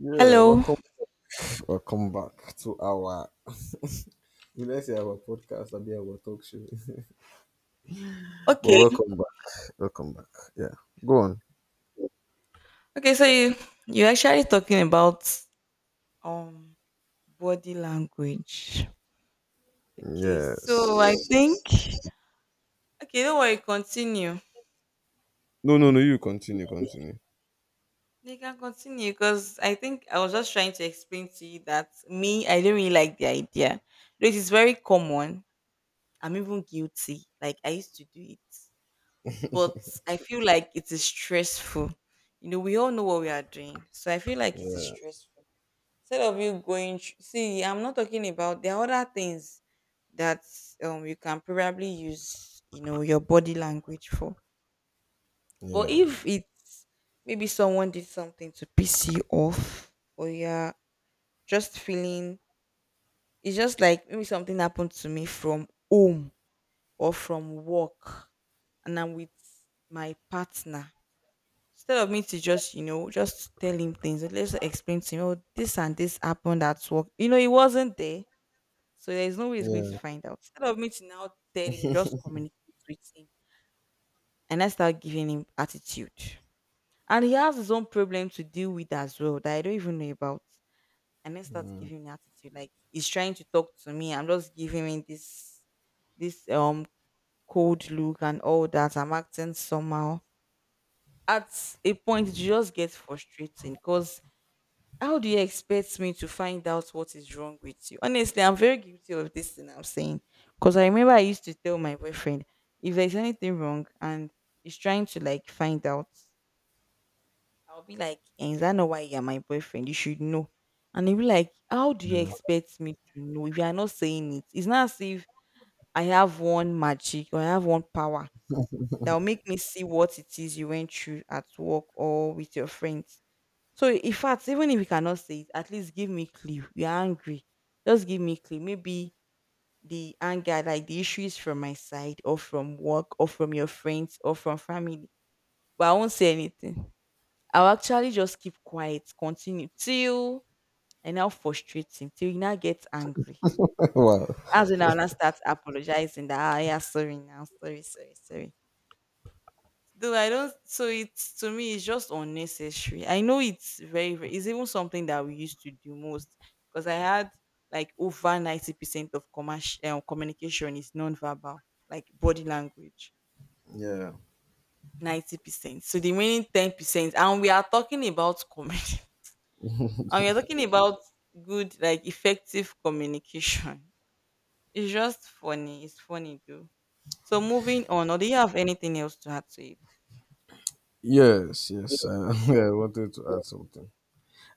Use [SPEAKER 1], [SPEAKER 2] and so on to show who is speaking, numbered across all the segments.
[SPEAKER 1] Yeah,
[SPEAKER 2] Hello.
[SPEAKER 1] welcome, welcome back to our. We let's say our podcast, I'll be our talk show. But
[SPEAKER 2] Okay.
[SPEAKER 1] welcome back, welcome back. Yeah, go on.
[SPEAKER 2] So you're actually talking about um body language. Okay, so I
[SPEAKER 1] Yes.
[SPEAKER 2] think okay, don't worry, continue.
[SPEAKER 1] No, no, no. You continue, continue.
[SPEAKER 2] You can continue because I think I was just trying to explain to you that me, I don't really like the idea. Though it is very common. I'm even guilty. Like I used to do it. But I feel like it is stressful. You know, we all know what we are doing. So I feel like it is
[SPEAKER 1] Yeah,
[SPEAKER 2] stressful. Instead of you going thr- see, I'm not talking about, there are other things that you can probably use, you know, your body language for. But
[SPEAKER 1] yeah,
[SPEAKER 2] if it's maybe someone did something to piss you off, or you're just feeling, it's just like maybe something happened to me from home or from work and I'm with my partner, instead of me to just, you know, just tell him things, let's explain to him, oh, this and this happened at work, you know, he wasn't there. So there is no way he's going to
[SPEAKER 1] yeah,
[SPEAKER 2] find out. Instead of me to now tell him, just communicate with him. And I start giving him attitude. And he has his own problem to deal with as well that I don't even know about. And I start
[SPEAKER 1] mm,
[SPEAKER 2] giving him attitude. Like he's trying to talk to me, I'm just giving him this cold look and all that. I'm acting somehow. At a point it just gets frustrating because how do you expect me to find out what is wrong with you? Honestly, I'm very guilty of this thing I'm saying. Because I remember I used to tell my boyfriend if there's anything wrong and he's trying to like find out, I'll be like, "Eh, is that not why you're my boyfriend? You should know." And he'll be like, "How do you
[SPEAKER 1] yeah.
[SPEAKER 2] expect me to know if you are not saying it? It's not as if I have one magic or I have one power that will make me see what it is you went through at work or with your friends." So in fact, even if you cannot say it, at least give me clue. You're angry. Just give me clue. Maybe the anger, like the issue is from my side or from work or from your friends or from family. But I won't say anything. I'll actually just keep quiet, continue till I now frustrate him, till he now gets angry.
[SPEAKER 1] Wow.
[SPEAKER 2] As when I'll now start apologizing that, ah, yeah, sorry now, sorry, sorry, sorry. Though I don't, so it's, to me, it's just unnecessary. I know it's very, very, it's even something that we used to do most because I had like over 90% of commercial communication is non-verbal, like body language,
[SPEAKER 1] Yeah.
[SPEAKER 2] 90%. So the remaining 10%, and we are talking about comedy, and we are talking about good, like effective communication. It's just funny. It's funny though. So moving on, or do you have anything else to add to it?
[SPEAKER 1] Yes. I wanted to add something.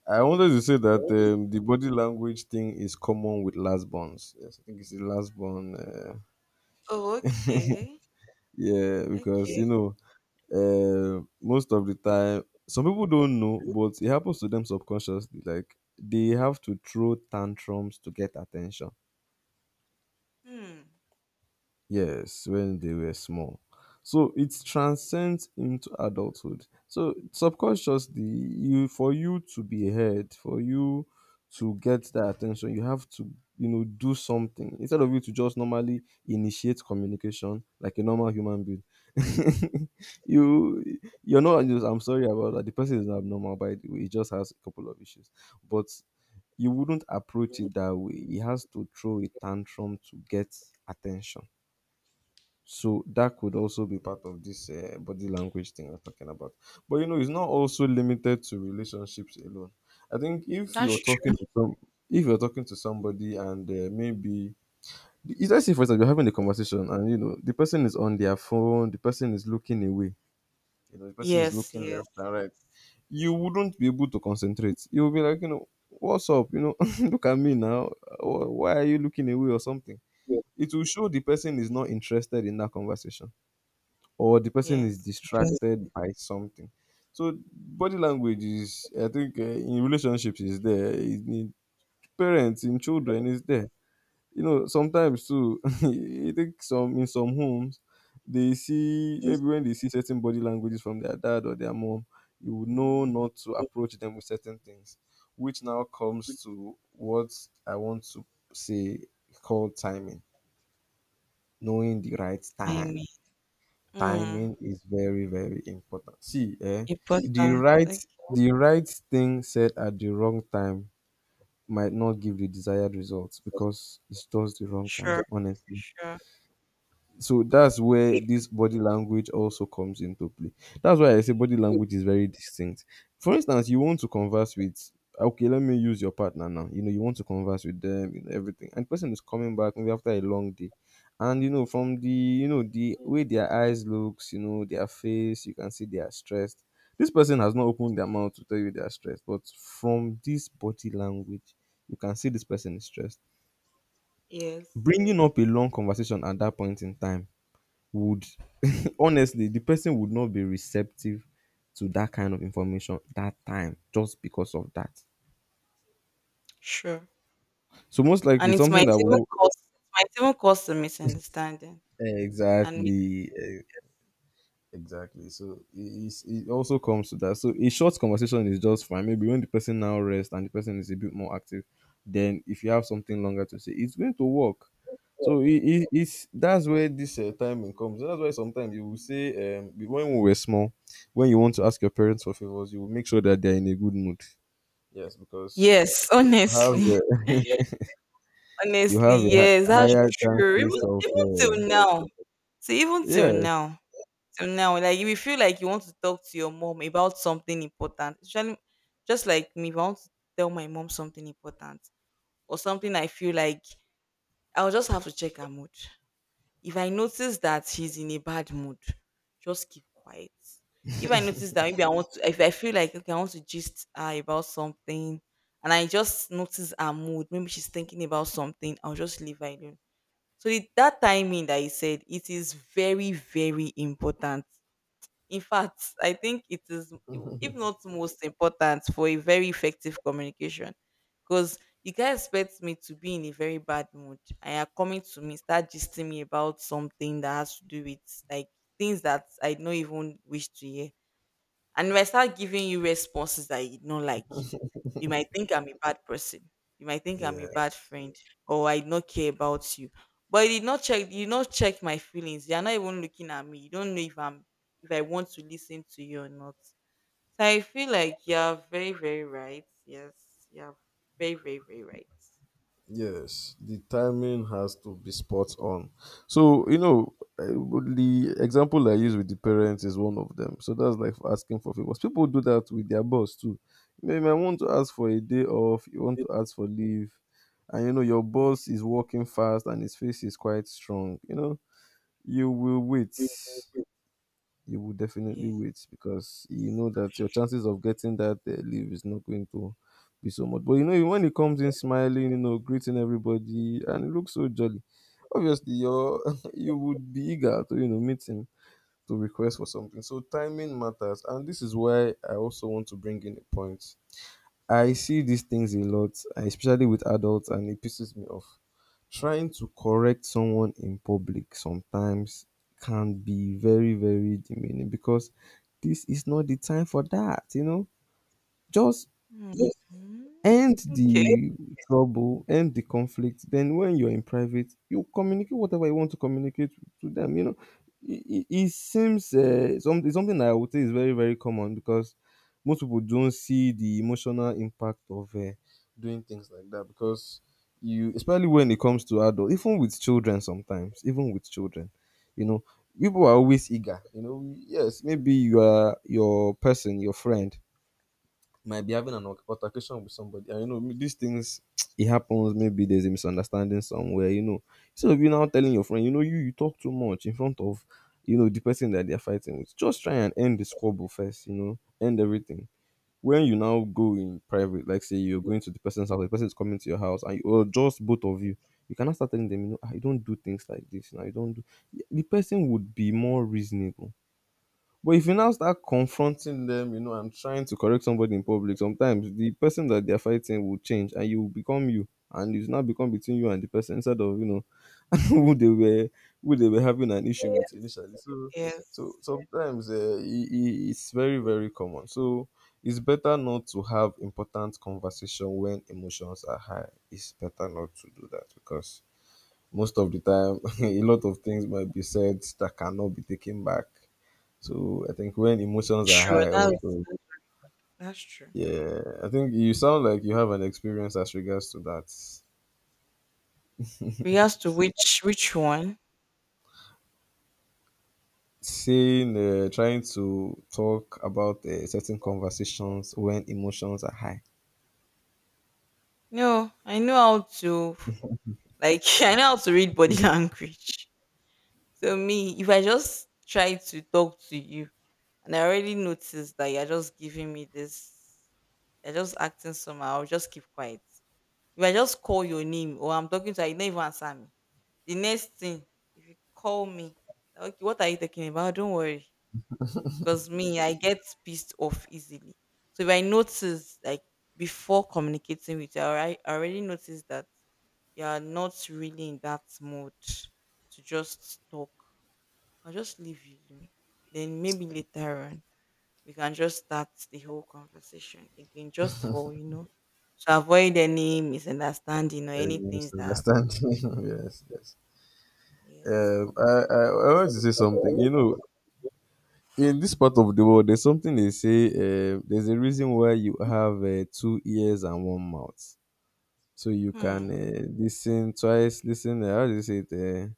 [SPEAKER 1] I wanted to say that the body language thing is common with last bonds. Yes, I think it's the last bond.
[SPEAKER 2] Oh, okay.
[SPEAKER 1] Yeah, because
[SPEAKER 2] Okay.
[SPEAKER 1] you know most of the time some people don't know but it happens to them subconsciously, like they have to throw tantrums to get attention.
[SPEAKER 2] Hmm.
[SPEAKER 1] Yes, when they were small. So it transcends into adulthood. So subconsciously, you for you to be heard, for you to get that attention, you have to, you know, do something. Instead of you to just normally initiate communication like a normal human being. you you're not just I'm sorry about that. The person is abnormal by the way, he just has a couple of issues. But you wouldn't approach it that way. He has to throw a tantrum to get attention, so that could also be part of this body language thing I'm talking about. But you know, it's not also limited to relationships alone. I think if
[SPEAKER 2] That's
[SPEAKER 1] you're talking
[SPEAKER 2] true.
[SPEAKER 1] to some, If you're talking to somebody and maybe let's say for example you're having a conversation and you know the person is on their phone, the person is looking away, you know, the person is
[SPEAKER 2] Yes,
[SPEAKER 1] looking
[SPEAKER 2] yes.
[SPEAKER 1] left and right. You wouldn't be able to concentrate. You'll be like, you know, what's up? You know, look at me now. Why are you looking away or something?
[SPEAKER 2] Yeah.
[SPEAKER 1] It will show the person is not interested in that conversation or the person is
[SPEAKER 2] Yes. Best
[SPEAKER 1] distracted by something. So body language is, I think, in relationships is there, in parents, in children is there. You know, sometimes too, I think some in some homes, they see maybe when they see certain body languages from their dad or their mom, you would know not to approach them with certain things, which now comes to what I want to say, called timing, knowing the right time.
[SPEAKER 2] timing. Mm,
[SPEAKER 1] Timing is very, very important. See, eh,
[SPEAKER 2] important.
[SPEAKER 1] the right
[SPEAKER 2] Like,
[SPEAKER 1] the right thing said at the wrong time might not give the desired results because it's just the wrong time,
[SPEAKER 2] sure,
[SPEAKER 1] honestly.
[SPEAKER 2] sure.
[SPEAKER 1] So that's where this body language also comes into play. That's why I say body language is very distinct. For instance, you want to converse with, okay, let me use your partner now, you know, you want to converse with them, you know, everything, and the person is coming back maybe after a long day, and you know from the, you know, the way their eyes looks, you know, their face, you can see they are stressed. This person has not opened their mouth to tell you they are stressed, but from this body language you can see this person is stressed.
[SPEAKER 2] Yes,
[SPEAKER 1] Bringing up a long conversation at that point in time would, honestly, the person would not be receptive to that kind of information that time, just because of that.
[SPEAKER 2] sure.
[SPEAKER 1] So most
[SPEAKER 2] And
[SPEAKER 1] likely
[SPEAKER 2] it
[SPEAKER 1] something
[SPEAKER 2] might
[SPEAKER 1] that
[SPEAKER 2] even
[SPEAKER 1] will
[SPEAKER 2] cause, it might even cause a misunderstanding. And mis-,
[SPEAKER 1] exactly, eh, exactly. It also comes to that. So a short conversation is just fine. Maybe when the person now rests and the person is a bit more active, then if you have something longer to say, it's going to work. It's that's where this timing comes. That's why sometimes you will say when we were small, when you want to ask your parents for favors, you will make sure that they're in a good mood. Yes, because
[SPEAKER 2] yes,
[SPEAKER 1] you
[SPEAKER 2] honestly,
[SPEAKER 1] have a, you
[SPEAKER 2] honestly,
[SPEAKER 1] have a
[SPEAKER 2] yes, that's
[SPEAKER 1] higher
[SPEAKER 2] true. Even,
[SPEAKER 1] chances of
[SPEAKER 2] even till now, so even
[SPEAKER 1] yeah,
[SPEAKER 2] till now, like if you feel like you want to talk to your mom about something important, especially just like me, if I want to tell my mom something important, or something I feel like, I'll just have to check her mood. If I notice that she's in a bad mood, just keep quiet. If I notice that maybe I want to, if I feel like okay, I want to gist her about something and I just notice her mood, maybe she's thinking about something, I'll just leave her alone. So the, that timing that you said, it is very, very important. In fact, I think it is, if not most important, for a very effective communication. Because you guys expect me to be in a very bad mood and you're coming to me, start gisting me about something that has to do with like things that I don't even wish to hear. And if I start giving you responses that you don't like, you might think I'm a bad person. You might think I'm a
[SPEAKER 1] yeah,
[SPEAKER 2] bad friend or I not care about you. But you did not check my feelings. You're not even looking at me. You don't know if I'm, if I want to listen to you or not. So I feel like you're very, very right. Yes. You're very, very, very right.
[SPEAKER 1] yes, the timing has to be spot on. So you know, the example I use with the parents is one of them. So that's like asking for favors. People do that with their boss too. You may want to ask for a day off. You want to ask for leave, and you know your
[SPEAKER 2] Yeah.
[SPEAKER 1] boss is working fast and his face is quite strong. You know you will wait, you will definitely
[SPEAKER 2] Yeah.
[SPEAKER 1] wait, because you know that your chances of getting that leave is not going to be so much. But you know, when he comes in smiling, you know, greeting everybody, and he looks so jolly. Obviously, you you would be eager to, you know, meet him to request for something. So timing matters, and this is why I also want to bring in a point. I see these things a lot, especially with adults, and it pisses me off. Trying to correct someone in public sometimes can be very, very demeaning because this is not the time for that, you know? Just
[SPEAKER 2] Mhm.
[SPEAKER 1] end
[SPEAKER 2] Okay.
[SPEAKER 1] the trouble, end the conflict. Then when you're in private, you communicate whatever you want to communicate to them. You know, it seems it's something I would say is very, very common because most people don't see the emotional impact of doing things like that because you, especially when it comes to adults, even with children sometimes, even with children, you know. People are always eager, you know. Yes, maybe your person, your friend might be having an altercation with somebody. And you know, these things it happens. Maybe there's a misunderstanding somewhere. You know, instead of you now telling your friend, you know, you talk too much in front of, you know, the person that they're fighting with. Just try and end the squabble first. You know, end everything. When you now go in private, like say you're going to the person's house, the person is coming to your house, and you, or just both of you, you cannot start telling them, you know, I don't do things like this. Now you don't do. The person would be more reasonable, but if you now start confronting them, you know, and trying to correct somebody in public, sometimes the person that they're fighting will change and you will become you. And it's now become between you and the person instead of, you know, who they were who they were having an issue with
[SPEAKER 2] Yes.
[SPEAKER 1] initially. So so
[SPEAKER 2] Yes.
[SPEAKER 1] sometimes it's very, very common. So it's better not to have important conversation when emotions are high. It's better not to do that because most of the time a lot of things might be said that cannot be taken back. So I think when emotions are
[SPEAKER 2] Sure.
[SPEAKER 1] high,
[SPEAKER 2] That's
[SPEAKER 1] also,
[SPEAKER 2] that's true.
[SPEAKER 1] yeah, I think you sound like you have an experience as regards to that.
[SPEAKER 2] Regards to which one?
[SPEAKER 1] Saying, trying to talk about certain conversations when emotions are high.
[SPEAKER 2] No, I know how to, like, I know how to read body language. So me, if I just try to talk to you and I already notice that you're just giving me this, you're just acting somehow, I'll just keep quiet. If I just call your name or I'm talking to you, you don't even answer me. The next thing, if you call me, like, okay, what are you talking about? Don't worry. Because me, I get pissed off easily. So if I notice, like, before communicating with you, I already noticed that you are not really in that mood to just talk. I'll just leave you alone. Then maybe later on we can just start the whole conversation again, just for, you know, to avoid any misunderstanding or any
[SPEAKER 1] You must
[SPEAKER 2] things that,
[SPEAKER 1] understand? Yes, yes.
[SPEAKER 2] yes.
[SPEAKER 1] I want to say something. You know, in this part of the world, there's something they say. There's a reason why you have two ears and one mouth, so you
[SPEAKER 2] Hmm.
[SPEAKER 1] can listen twice. Listen, how do you say it?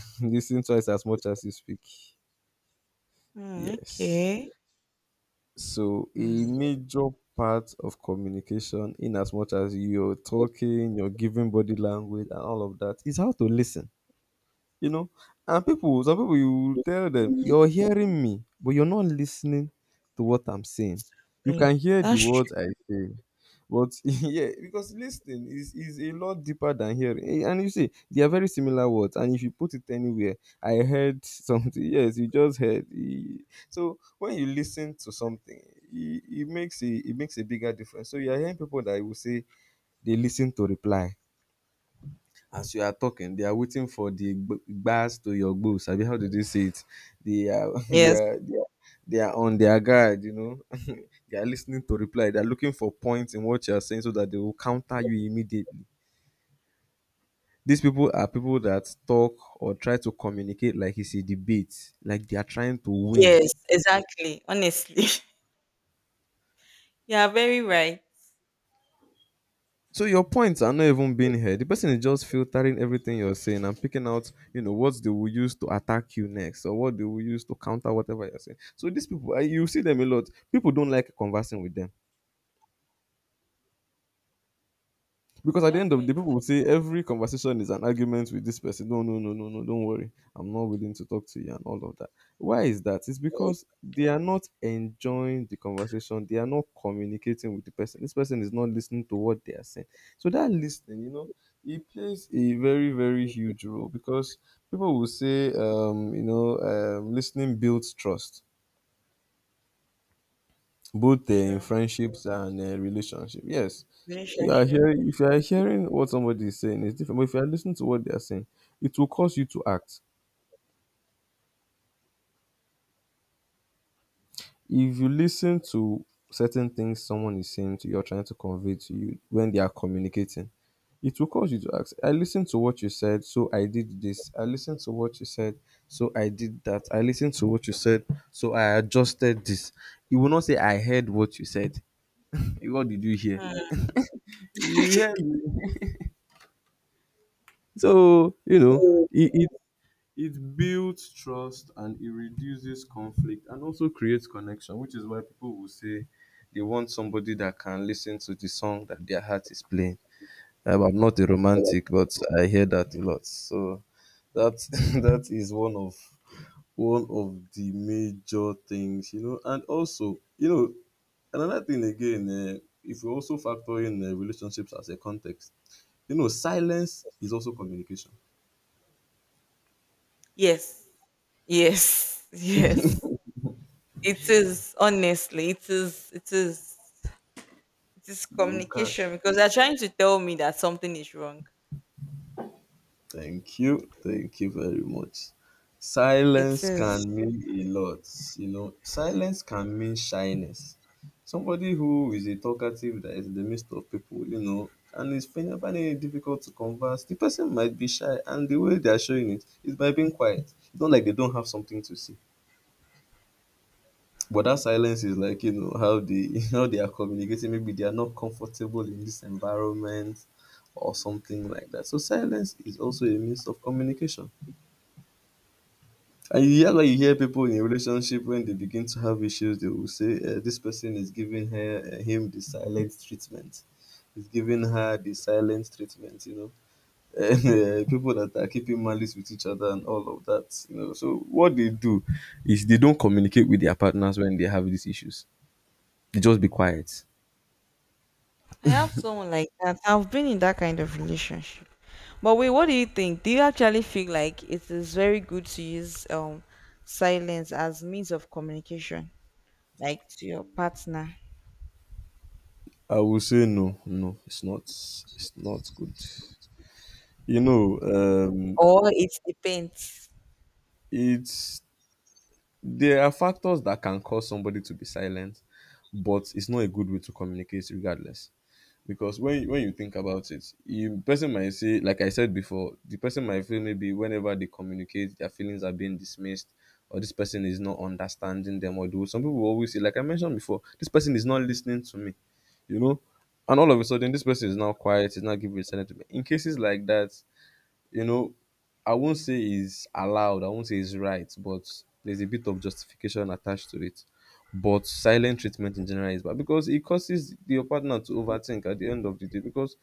[SPEAKER 1] Listen twice as much as you speak.
[SPEAKER 2] Hmm,
[SPEAKER 1] Yes.
[SPEAKER 2] okay.
[SPEAKER 1] So
[SPEAKER 2] Hmm.
[SPEAKER 1] a major part of communication, in as much as you're talking, you're giving body language and all of that, is how to listen, you know. And people, some people you tell them, you're hearing me but you're not listening to what I'm saying. You
[SPEAKER 2] Hmm,
[SPEAKER 1] can hear the
[SPEAKER 2] that's
[SPEAKER 1] words I
[SPEAKER 2] true.
[SPEAKER 1] say, but yeah, because listening is a lot deeper than hearing. Eh, and you see they are very similar words, and if you put it anywhere, I heard something. Yes, you just heard. So when you listen to something, it makes a, it makes a bigger difference. So you are hearing people that will say they listen to reply. As you are talking, they are waiting for the bars to your goals. Sabi, how do they say it? They are, they
[SPEAKER 2] Yes.
[SPEAKER 1] are, they are, they are on their guard. You know, they are listening to reply. They are looking for points in what you are saying so that they will counter you immediately. These people are people that talk or try to communicate like it's a debate, like they are trying to win.
[SPEAKER 2] Yes, exactly. Honestly, you are very right.
[SPEAKER 1] So your points are not even being heard. The person is just filtering everything you're saying and picking out, you know, what they will use to attack you next or what they will use to counter whatever you're saying. So these people, you see them a lot. People don't like conversing with them. Because at
[SPEAKER 2] I
[SPEAKER 1] the
[SPEAKER 2] have
[SPEAKER 1] end of the day,
[SPEAKER 2] friends.
[SPEAKER 1] people will say every conversation is an argument with this person. No, no, no, no, no, don't worry. I'm not willing to talk to you and all of that. Why is that? It's because they are not enjoying the conversation. They are not communicating with the person. This person is not listening to what they are saying. So that listening, it plays a very, very huge role because people will say, listening builds trust both in
[SPEAKER 2] Sure.
[SPEAKER 1] friendships and relationship. Yes, you are
[SPEAKER 2] Relationship.
[SPEAKER 1] hearing. If you are hearing what somebody is saying, it's different. But if you are listening to what they are saying, it will cause you to act. If you listen to certain things someone is saying to you or trying to convey to you when they are communicating, it will cause you to act. I listened to what you said, so I did this. I listened to what you said, so I did that. I listened to what you said, so I adjusted this. You will not say I heard what you said. What did you hear? You heard. So, you know,
[SPEAKER 2] Mm.
[SPEAKER 1] it, it, it builds trust and it reduces conflict and also creates connection, which is why people will say they want somebody that can listen to the song that their heart is playing. I'm not a romantic, but I hear that a lot. So that that is one of the major things, you know, and also, you know, another thing again, if we also factor in relationships as a context, you know, silence is also communication.
[SPEAKER 2] Yes. Yes. Yes. It is, honestly. It is. It is. It is
[SPEAKER 1] You can.
[SPEAKER 2] communication because they're trying to tell me that something is wrong.
[SPEAKER 1] Thank you. Thank you very much.
[SPEAKER 2] It
[SPEAKER 1] Silence can
[SPEAKER 2] is.
[SPEAKER 1] mean a lot. You know, silence can mean shyness. Somebody who is a talkative that is in the midst of people, you know, and is finding it difficult to converse, the person might be shy, and the way they are showing it is by being quiet. It's not like they don't have something to say. But that silence is like, you know, how they how they are communicating. Maybe they are not comfortable in this environment or something like that. So silence is also a means of communication. And you hear like you hear people in a relationship when they begin to have issues, they will say, "This person is giving her him the silent treatment. Is giving her the silent treatment." You know, and, people that are keeping malice with each other and all of that. You know, so what they do is they don't communicate with their partners when they have these issues. Just be quiet.
[SPEAKER 2] I have someone like that. I've been in that kind of relationship. But wait, what do you think? Do you actually feel like it is very good to use silence as means of communication? Like to your partner,
[SPEAKER 1] I will say no, no, it's not good. You know,
[SPEAKER 2] or it depends?
[SPEAKER 1] it's there are factors that can cause somebody to be silent, but it's not a good way to communicate regardless. Because when you think about it, you person might say, like I said before, the person might feel maybe whenever they communicate their feelings are being dismissed, or this person is not understanding them. Or do, some people will always say, like I mentioned before, this person is not listening to me, you know, and all of a sudden this person is now quiet, is not giving attention to me. In cases like that, you know, I won't say it's allowed, I won't say it's right, but there's a bit of justification attached to it. But silent treatment in general is bad because it causes your partner to overthink at the end of the day, because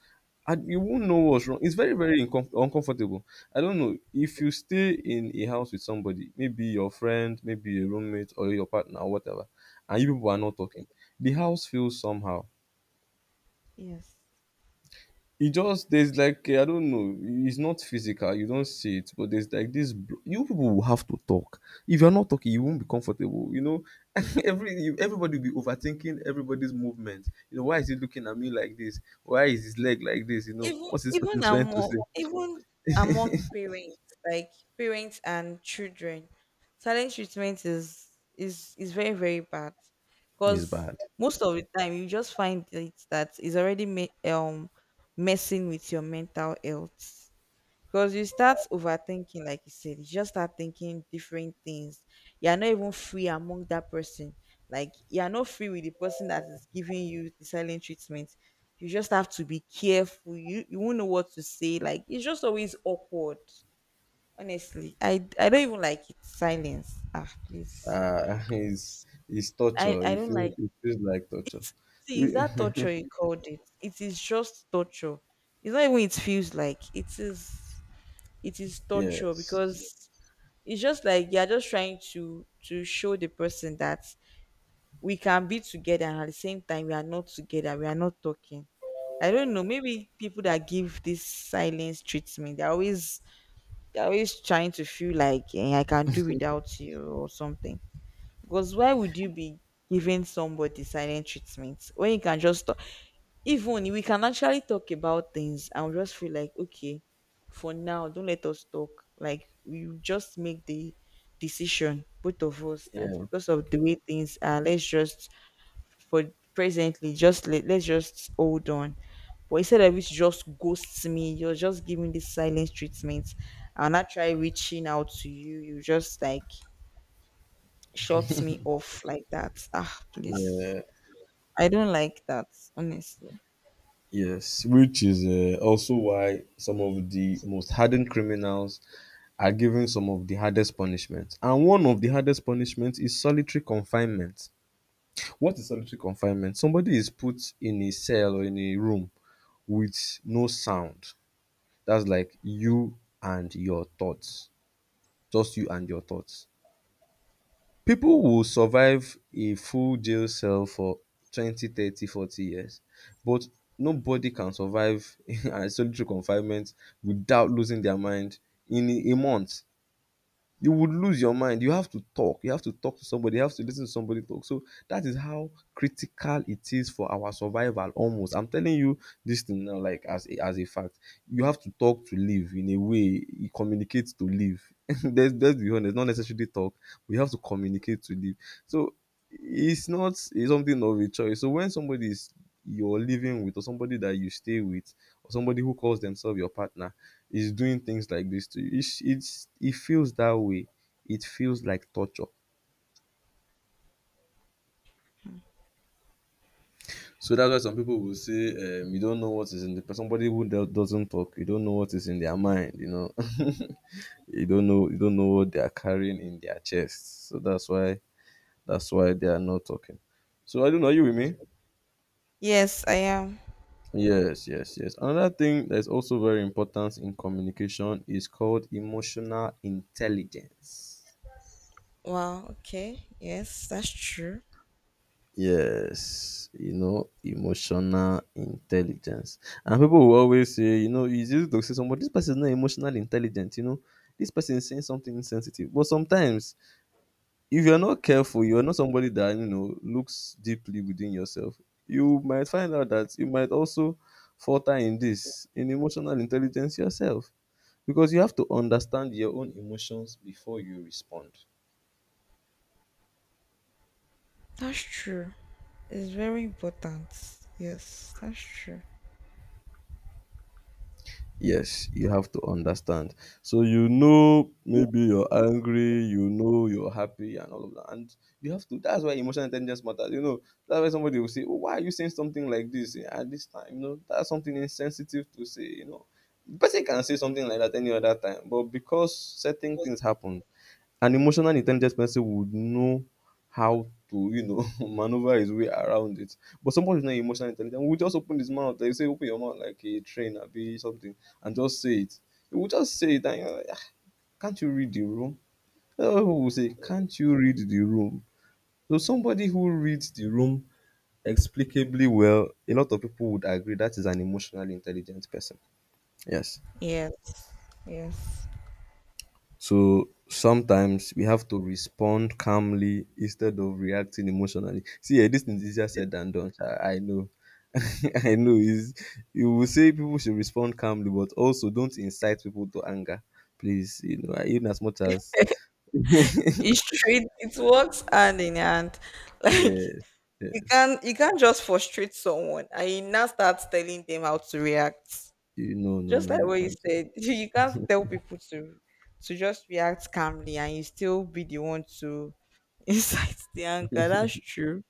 [SPEAKER 1] and you won't know what's wrong. It's very, very uncomfortable. I don't know if you stay in a house with somebody, maybe your friend, maybe a roommate or your partner or whatever, and you people are not talking. The house feels somehow.
[SPEAKER 2] Yes,
[SPEAKER 1] It just, there's like I don't know. It's not physical. You don't see it, but there's like this. You people will have to talk. If you're not talking, you won't be comfortable. You know, everybody will be overthinking everybody's movement. You know, why is he looking at me like this? Why is his leg like this? You know,
[SPEAKER 2] even
[SPEAKER 1] what's this person trying to say?
[SPEAKER 2] even among parents, like parents and children, silent treatment is, is very, very bad
[SPEAKER 1] It's
[SPEAKER 2] because
[SPEAKER 1] bad.
[SPEAKER 2] most of the time you just find it that is already messing with your mental health because you start overthinking, like you said, you just start thinking different things, you're not even free among that person, like you're not free with the person that is giving you the silent treatment. You just have to be careful, you won't know what to say, like it's just always awkward. Honestly, I don't even like it. Silence, ah, please.
[SPEAKER 1] Uh, it's it's
[SPEAKER 2] i
[SPEAKER 1] torture.
[SPEAKER 2] i don't like
[SPEAKER 1] It feels like torture.
[SPEAKER 2] it. See, is
[SPEAKER 1] We,
[SPEAKER 2] that torture you called it? It is just torture. It's not even, it feels like it is, it is torture
[SPEAKER 1] yes.
[SPEAKER 2] because it's just like you're just trying to show the person that we can be together and at the same time we are not together, we are not talking. I don't know, maybe people that give this silence treatment, they're always, they're always trying to feel like, eh, I can do without you or something. Because why would you be giving somebody silent treatment when you can just, even, we can actually talk about things and we just feel like, okay, for now, don't let us talk. Like we just make the decision, both of us, that
[SPEAKER 1] Yeah.
[SPEAKER 2] because of the way things are, let's just, for presently, just let, let's just hold on. But instead of it to just ghost me, you're just giving this silence treatment. I'll not try reaching out to you. You just like shut me off like that. Ah, please.
[SPEAKER 1] Yeah.
[SPEAKER 2] I don't like that, honestly.
[SPEAKER 1] Yes, which is also why some of the most hardened criminals are given some of the hardest punishments. And one of the hardest punishments is solitary confinement. What is solitary confinement? Somebody is put in a cell or in a room with no sound. That's like you and your thoughts, just you and your thoughts. People will survive a full jail cell for 20, 30, 40 years, but nobody can survive a solitary confinement without losing their mind. In a month you would lose your mind. You have to talk. You have to talk to somebody. You have to listen to somebody talk. So that is how critical it is for our survival almost. I'm telling you this thing now, like as a fact. You have to talk to live in a way. You communicate to live. There's, let's be honest, not necessarily talk. We have to communicate to live. So it's not it's something of a choice. So when somebody is, you're living with, or somebody that you stay with, or somebody who calls themselves your partner, is doing things like this to you, it feels that way. It feels like torture. So that's why some people will say, you don't know what is in the somebody who doesn't talk, you don't know what is in their mind, you know. You don't know what they are carrying in their chest. So that's why they are not talking. So I don't know, are you with me?
[SPEAKER 2] Yes, I am.
[SPEAKER 1] Yes, yes, yes. Another thing that's also very important in communication is called emotional intelligence.
[SPEAKER 2] Wow, okay. Yes, that's true.
[SPEAKER 1] Yes, you know, emotional intelligence. And people will always say, you know, it's easy to say somebody, this person is not emotionally intelligent, you know, this person is saying something insensitive. But sometimes, if you're not careful, you're not somebody that, you know, looks deeply within yourself, you might find out that you might also falter in this, in emotional intelligence yourself. Because you have to understand your own emotions before you respond.
[SPEAKER 2] That's true. It's very important. Yes, that's true.
[SPEAKER 1] Yes, you have to understand. So you know maybe you're angry, you know you're happy and all of that. And you have to, that's why emotional intelligence matters. You know, that's why somebody will say, oh, why are you saying something like this, eh, at this time? You know, that's something insensitive to say, you know. The person can say something like that any other time, but because certain things happen, an emotional intelligent person would know how to, you know, maneuver his way around it. But somebody who's not emotionally intelligent will just open his mouth. They say, open your mouth like a train, or be something, and just say it. He will just say it, and you're like, "Ah, can't you read the room? Other people will say, can't you read the room?" So somebody who reads the room explicably well, a lot of people would agree that is an emotionally intelligent person. Yes.
[SPEAKER 2] Yes. Yes.
[SPEAKER 1] So sometimes we have to respond calmly instead of reacting emotionally. See, eh, this thing is easier said than done. Sha, I know. I know. Is, you will say people should respond calmly, but also don't incite people to anger. Please, you know, even as much as
[SPEAKER 2] It's true. It works hand in hand. Like,
[SPEAKER 1] yes,
[SPEAKER 2] you
[SPEAKER 1] yes.
[SPEAKER 2] can't you can't just frustrate someone and you now start telling them how to react.
[SPEAKER 1] You, no no
[SPEAKER 2] Just
[SPEAKER 1] no
[SPEAKER 2] like
[SPEAKER 1] you
[SPEAKER 2] what you
[SPEAKER 1] can't do.
[SPEAKER 2] said. You can't tell people to just react calmly and you still be the one to incite the anger. That's true.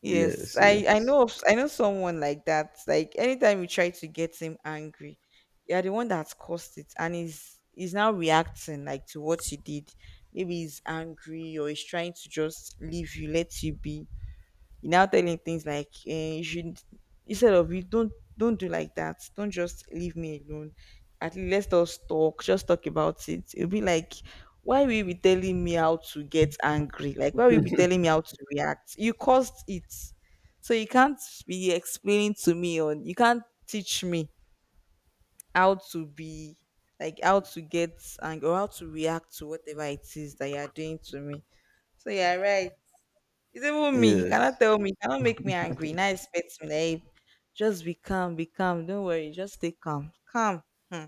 [SPEAKER 2] Yes,
[SPEAKER 1] Yes, yes.
[SPEAKER 2] I know someone like that. Like anytime you try to get him angry, you're the one that's caused it, and he's now reacting like to what you did. Maybe he's angry or he's trying to just leave you, let you be, you now tell him things like, eh, you should, instead of you, don't do like that, don't just leave me alone, at least let us talk, just talk about it. It'll be like, why will you be telling me how to get angry, like why will you be telling me how to react? You caused it. So you can't be explaining to me or you can't teach me how to be, like how to get angry or how to react to whatever it is that you are doing to me. So you're right. It's even me. You
[SPEAKER 1] Yes.
[SPEAKER 2] cannot tell me. You cannot make me angry. Now expect me. Like, just be calm, be calm. Don't worry. Just stay calm. Calm. Hmm.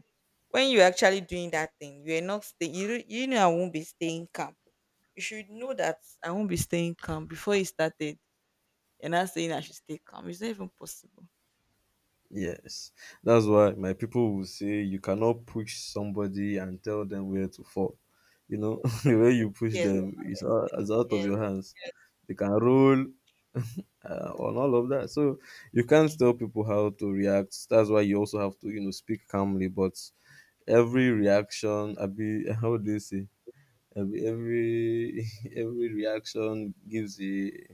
[SPEAKER 2] When you're actually doing that thing, you're not staying. You, don't-, you know I won't be staying calm. You should know that I won't be staying calm. Before you started, you're not saying I should stay calm. It's not even possible.
[SPEAKER 1] Yes, that's why my people will say you cannot push somebody and tell them where to fall. You know, the way you push
[SPEAKER 2] Yes.
[SPEAKER 1] them is
[SPEAKER 2] Yes.
[SPEAKER 1] is out of
[SPEAKER 2] Yes.
[SPEAKER 1] your hands. They can roll, on all of that. So you can't tell people how to react. That's why you also have to, you know, speak calmly. But every reaction, I be, how do you say? Every every reaction gives a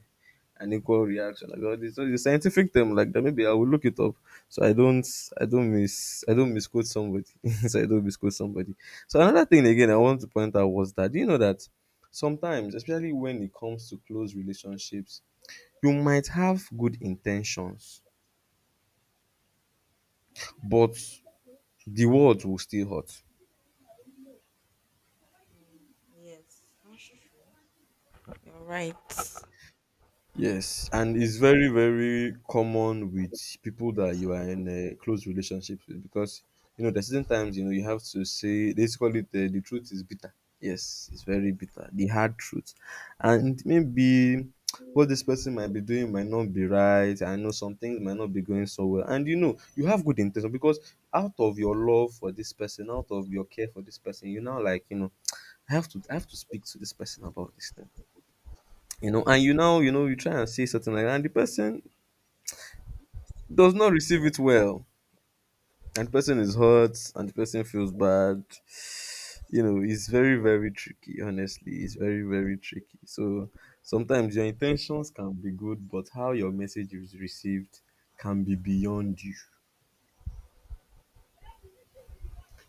[SPEAKER 1] an equal reaction like all this. So it's a scientific term like that, maybe I will look it up. So I don't misquote somebody. So I don't misquote somebody. So another thing again, I want to point out was that, do you know that sometimes, especially when it comes to close relationships, you might have good intentions, but the words will still hurt.
[SPEAKER 2] Mm. Yes. That's true. You're right.
[SPEAKER 1] Yes, and it's very, very common with people that you are in a close relationship with, because you know there's certain times, you know, you have to say, they call it, the truth is bitter. Yes, it's very bitter, the hard truth, and maybe what this person might be doing might not be right. I know some things might not be going so well, and you know you have good intention because out of your love for this person, out of your care for this person, you now like you know I have to speak to this person about this thing. You know, and you now, you know, you try and say something like that, and the person does not receive it well, and the person is hurt and the person feels bad. You know, it's very, very tricky. Honestly, it's very, very tricky. So sometimes your intentions can be good, but how your message is received can be beyond you.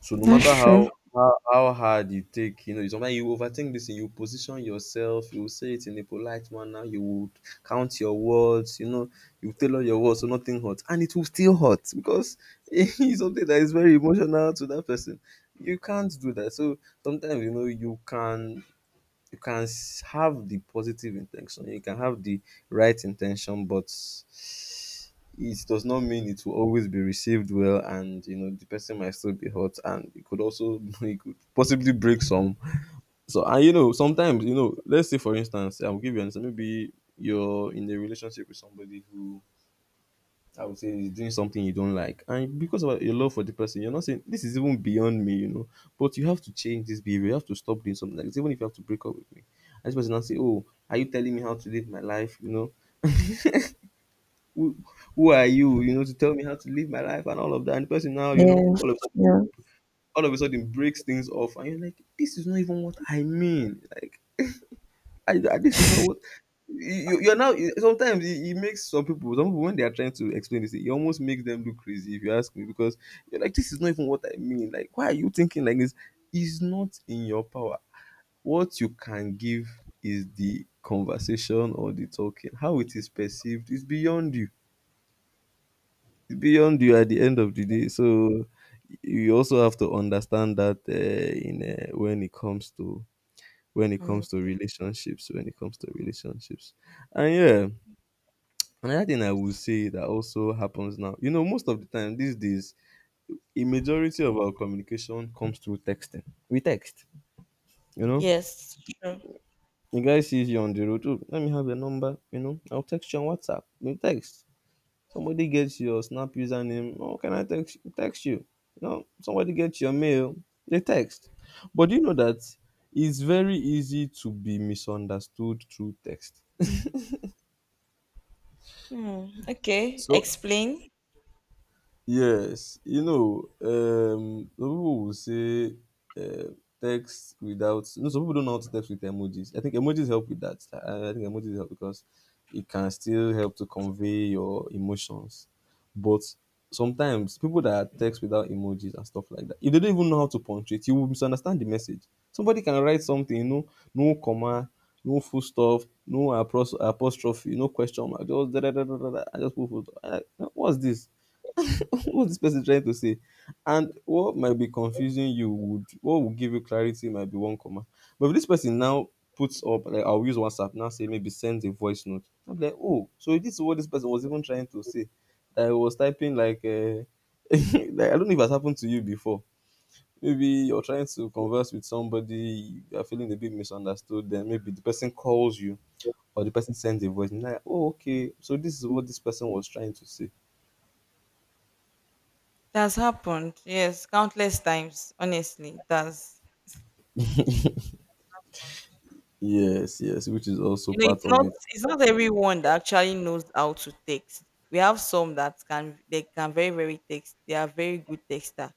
[SPEAKER 1] So no
[SPEAKER 2] That's
[SPEAKER 1] matter
[SPEAKER 2] true.
[SPEAKER 1] how hard you take, you know, sometimes you overthink this thing, you position yourself, you will say it in a polite manner, you would count your words, you know, you tailor your words so nothing hurts. And it will still hurt because it's something that is very emotional to that person. You can't do that. So sometimes, you know, you can have the positive intention, you can have the right intention, but it does not mean it will always be received well, and you know the person might still be hurt, and it could also it could possibly break some. So, and you know, sometimes, you know, let's say for instance, I'll give you an example. Maybe you're in a relationship with somebody who, I would say, he's doing something you don't like. And because of your love for the person, you're not saying, this is even beyond me, you know. But you have to change this behavior. You have to stop doing something like this, even if you have to break up with me. And this person now say, oh, are you telling me how to live my life? You know, who, who are you, you know, to tell me how to live my life and all of that. And the person now, you know,
[SPEAKER 2] Yes. Yeah.
[SPEAKER 1] all of a sudden breaks things off, and you're like, this is not even what I mean. Like, I, this is not what you're now. Sometimes it, it makes some people, when they are trying to explain this, it almost makes them look crazy, if you ask me, because you're like, this is not even what I mean. Like, why are you thinking like this? It's not in your power. What you can give is the conversation or the talking. How it is perceived is beyond you. It's beyond you at the end of the day. So you also have to understand that in when it comes to, when it comes to
[SPEAKER 2] Communication.
[SPEAKER 1] relationships when it comes to relationships. And yeah, another thing I would say that also happens now, you know, most of the time these days, a majority of our communication comes through texting. We text, you know,
[SPEAKER 2] Yes. True.
[SPEAKER 1] the guy sees you on the road, oh, let me have your number, you know, I'll text you on WhatsApp, you text, somebody gets your Snap username, oh, can I text you, you know, somebody gets your mail, they text. But do you know that it's very easy to be misunderstood through text?
[SPEAKER 2] Hmm, okay,
[SPEAKER 1] So
[SPEAKER 2] explain.
[SPEAKER 1] yes, you know, some people will say uh, text without. No, some people don't know how to text with emojis. I think emojis help with that. I think emojis help because it can still help to convey your emotions. But sometimes people that text without emojis and stuff like that, if they don't even know how to punctuate, you will misunderstand the message. Somebody can write something, you know, no comma, no full stop, no apostrophe, no question mark, just da da da da da, da, and just put full stop. I- what's this? What's this person trying to say? And what might be confusing you would, what would give you clarity, might be one comma. But if this person now puts up, like, I'll use WhatsApp now, say maybe sends a voice note, I'm like, oh, so this is what this person was even trying to say. That I was typing like, like, I don't know if it's happened to you before. Maybe you're trying to converse with somebody, you're feeling a bit misunderstood, then maybe the person calls you or the person sends a voice and you're like, oh, okay, so this is what this person was trying to say.
[SPEAKER 2] That's happened. Yes, countless times. Honestly, that's,
[SPEAKER 1] Yes, yes, which is also
[SPEAKER 2] you know,
[SPEAKER 1] part
[SPEAKER 2] it's
[SPEAKER 1] of
[SPEAKER 2] not,
[SPEAKER 1] it.
[SPEAKER 2] it's not everyone that actually knows how to text. We have some that can, they can very very text. They are very good texter.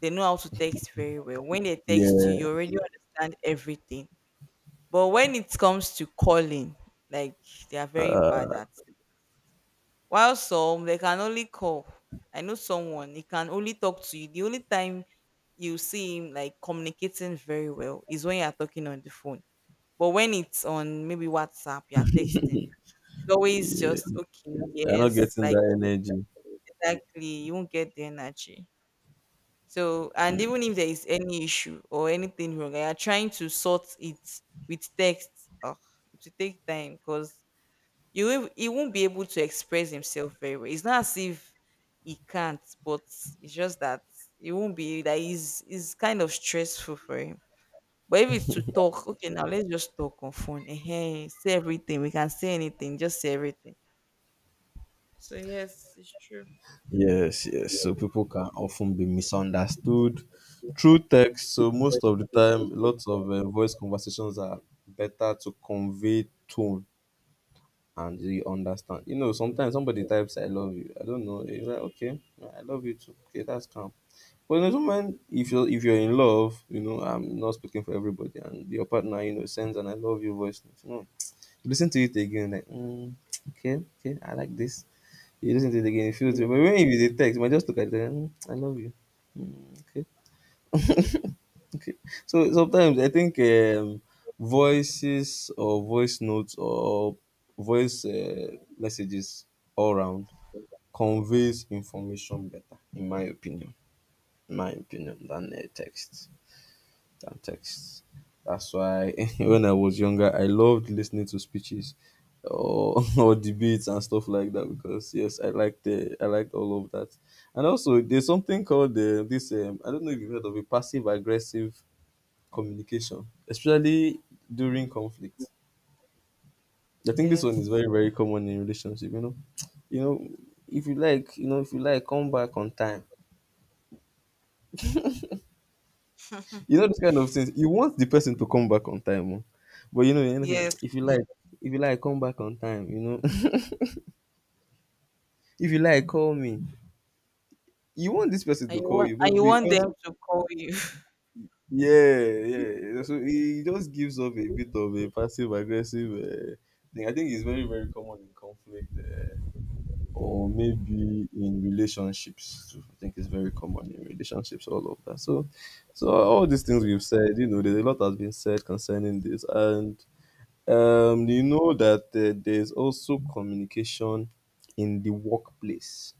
[SPEAKER 2] They know how to text very well. When they text you,
[SPEAKER 1] Yeah,
[SPEAKER 2] you already understand everything. But when it comes to calling, like, they are very bad at. While some, they can only call. I know someone, he can only talk to you. The only time you see him like communicating very well is when you are talking on the phone. But when it's on maybe WhatsApp, you are texting. It's always
[SPEAKER 1] yeah.
[SPEAKER 2] just okay,
[SPEAKER 1] They're not
[SPEAKER 2] yes,
[SPEAKER 1] getting
[SPEAKER 2] like,
[SPEAKER 1] that energy.
[SPEAKER 2] exactly. You won't get the energy. So, and even if there is any issue or anything wrong, you are trying to sort it with text. Oh, it will take time because you won't, he won't be able to express himself very well. It's not as if he can't, but it's just that it won't be that, is kind of stressful for him. But if it's to talk, okay, now let's just talk on phone. Hey, say everything. We can say anything. Just say everything. So yes, it's true.
[SPEAKER 1] Yes, yes. So people can often be misunderstood through text. So most of the time, lots of voice conversations are better to convey tone, and you understand. You know, sometimes somebody types, "I love you." I don't know. You're like, okay, I love you too. Okay, that's calm. But there's when, if you're, if you're in love, you know, I'm not speaking for everybody, and your partner, you know, sends an "I love you" voice note, you know, you listen to it again, like, mm, okay, okay, I like this. You listen to it again, it feels. But when, if it's a text, you might just look at it, and, mm, I love you. Mm, okay, okay. So sometimes I think voices or voice notes or voice messages all round conveys information better, in my opinion. In my opinion, than text. Than text. That's why when I was younger, I loved listening to speeches or, or debates and stuff like that because yes, I liked all of that. And also, there's something called this. I don't know if you've heard of it, passive aggressive communication, especially during conflict. I think this one is
[SPEAKER 2] Yes,
[SPEAKER 1] very, very common in relationship, you know. You know, if you like, you know, if you like, come back on time. You know, this kind of things. You want the person to come back on time, oh. But you know, anything.
[SPEAKER 2] yes.
[SPEAKER 1] If you like, come back on time. You know, if you like, call me. You want this person
[SPEAKER 2] And
[SPEAKER 1] to
[SPEAKER 2] you
[SPEAKER 1] call
[SPEAKER 2] want,
[SPEAKER 1] you,
[SPEAKER 2] and
[SPEAKER 1] maybe
[SPEAKER 2] you want
[SPEAKER 1] because,
[SPEAKER 2] them to call you.
[SPEAKER 1] yeah, yeah. So it just gives off a bit of a passive aggressive thing. I think it's very, very common in conflict. Or maybe in relationships too. I think it's very common in relationships, all of that. So, so all these things we've said, you know, there's a lot has been said concerning this, and you know that there's also communication in the workplace.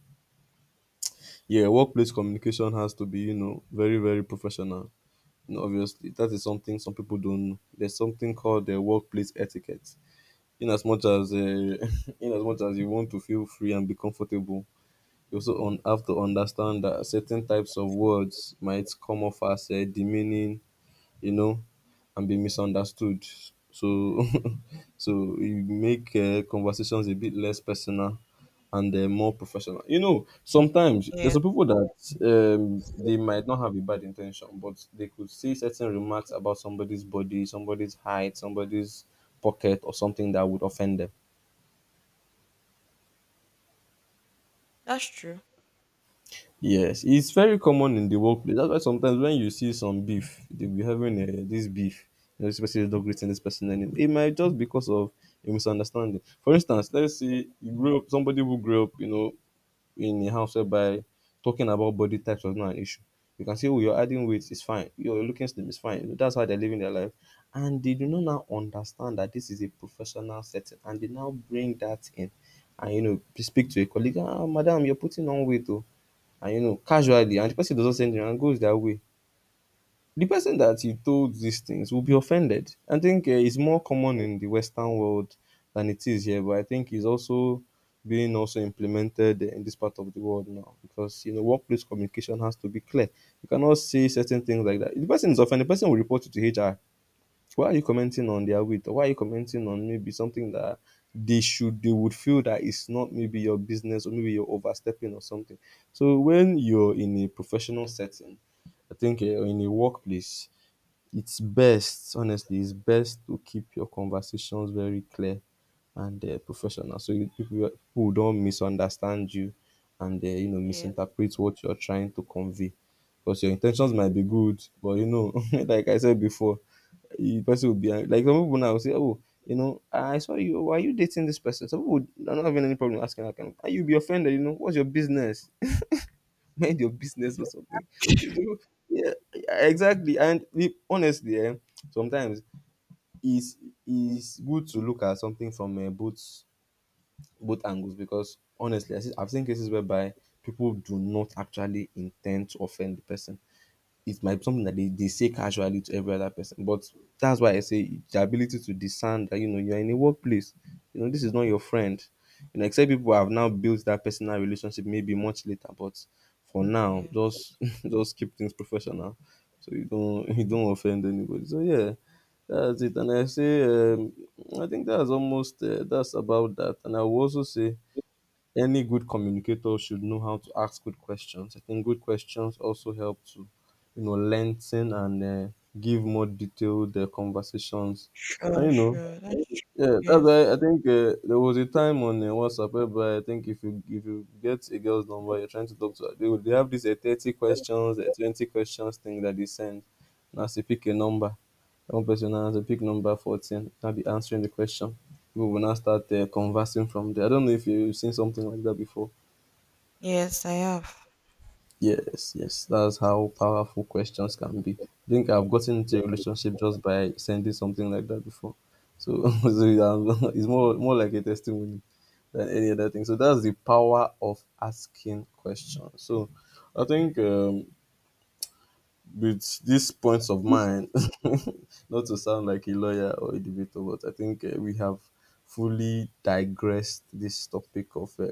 [SPEAKER 1] Yeah, workplace communication has to be, you know, very, very professional. You know, obviously, that is something some people don't know. There's something called the workplace etiquette. In as much as, in as much as you want to feel free and be comfortable, you also have to understand that certain types of words might come off as demeaning, you know, and be misunderstood. So, so you make conversations a bit less personal and more professional. You know, sometimes there's some
[SPEAKER 2] Yes,
[SPEAKER 1] people that they might not have a bad intention, but they could say certain remarks about somebody's body, somebody's height, somebody's pocket, or something that would offend them.
[SPEAKER 2] that's true.
[SPEAKER 1] Yes, it's very common in the workplace. That's why sometimes when you see some beef, they'll be having this beef. You know, this person is not greeting this person anymore. It might just because of a misunderstanding. For instance, let's say you grew up, somebody who grew up, you know, in a house whereby talking about body types was not an issue. You can say, oh, you're adding weight, it's fine. You're looking slim, it's fine. You know, that's how they're living their life. And they do not now understand that this is a professional setting. And they now bring that in. And, you know, speak to a colleague, ah, madam, you're putting on weight, oh, and you know, casually, and the person does not say anything and goes their way. The person that you told these things will be offended. I think it's more common in the Western world than it is here, but I think it's also being also implemented in this part of the world now, because you know workplace communication has to be clear. You cannot say certain things like that. If the person is offended, the person will report you to HR. Why are you commenting on their weight? Why are you commenting on maybe something that they should, they would feel that it's not maybe your business, or maybe you're overstepping or something. So when you're in a professional setting, I think or in a workplace, it's best, honestly, it's best to keep your conversations very clear and professional, so you, people, people don't misunderstand you and you know,
[SPEAKER 2] Yes,
[SPEAKER 1] misinterpret what you're trying to convey, because your intentions might
[SPEAKER 2] true.
[SPEAKER 1] be good, but you know, like I said before, the person will be like some people now will say, oh, you know, I saw you, why are you dating this person? Some people are not having any problem asking that kind of, and you'll be offended. You know, what's your business? Mind your business, or something. It's, you know, yeah, exactly. And we, honestly, eh, sometimes it's, it's good to look at something from both both angles because honestly, I see, I've seen cases whereby people do not actually intend to offend the person. It might be something that they say casually to every other person. But that's why I say the ability to discern that you know you're in a workplace, you know, this is not your friend. You know, except people have now built that personal relationship maybe much later. But for now,
[SPEAKER 2] Yes,
[SPEAKER 1] just just keep things professional. So you don't you don't offend anybody. So yeah, that's it. And I say, I think that's almost that's about that. And I will also say any good communicator should know how to ask good questions. I think good questions also help to, you know, lengthen and give more detailed conversations. And
[SPEAKER 2] sure,
[SPEAKER 1] you know,
[SPEAKER 2] sure. That's true.
[SPEAKER 1] yeah, that's why I
[SPEAKER 2] Yes,
[SPEAKER 1] think there was a time on WhatsApp whereby I think if you, if you get a girl's number, you're trying to talk to her, they, they have this 30 questions, 20 questions thing that they send. Now say, pick a number. One person now has to pick number 14. Now be answering the question. People will now start conversing from there. I don't know if you've seen something like that before.
[SPEAKER 2] yes. I have.
[SPEAKER 1] Yes, yes, that's how powerful questions can be. I think I've gotten into a relationship just by sending something like that before. So, so yeah, it's more like a testimony than any other thing. So that's the power of asking questions. So I think with these points of mine, not to sound like a lawyer or a debater, but I think we have fully digressed this topic of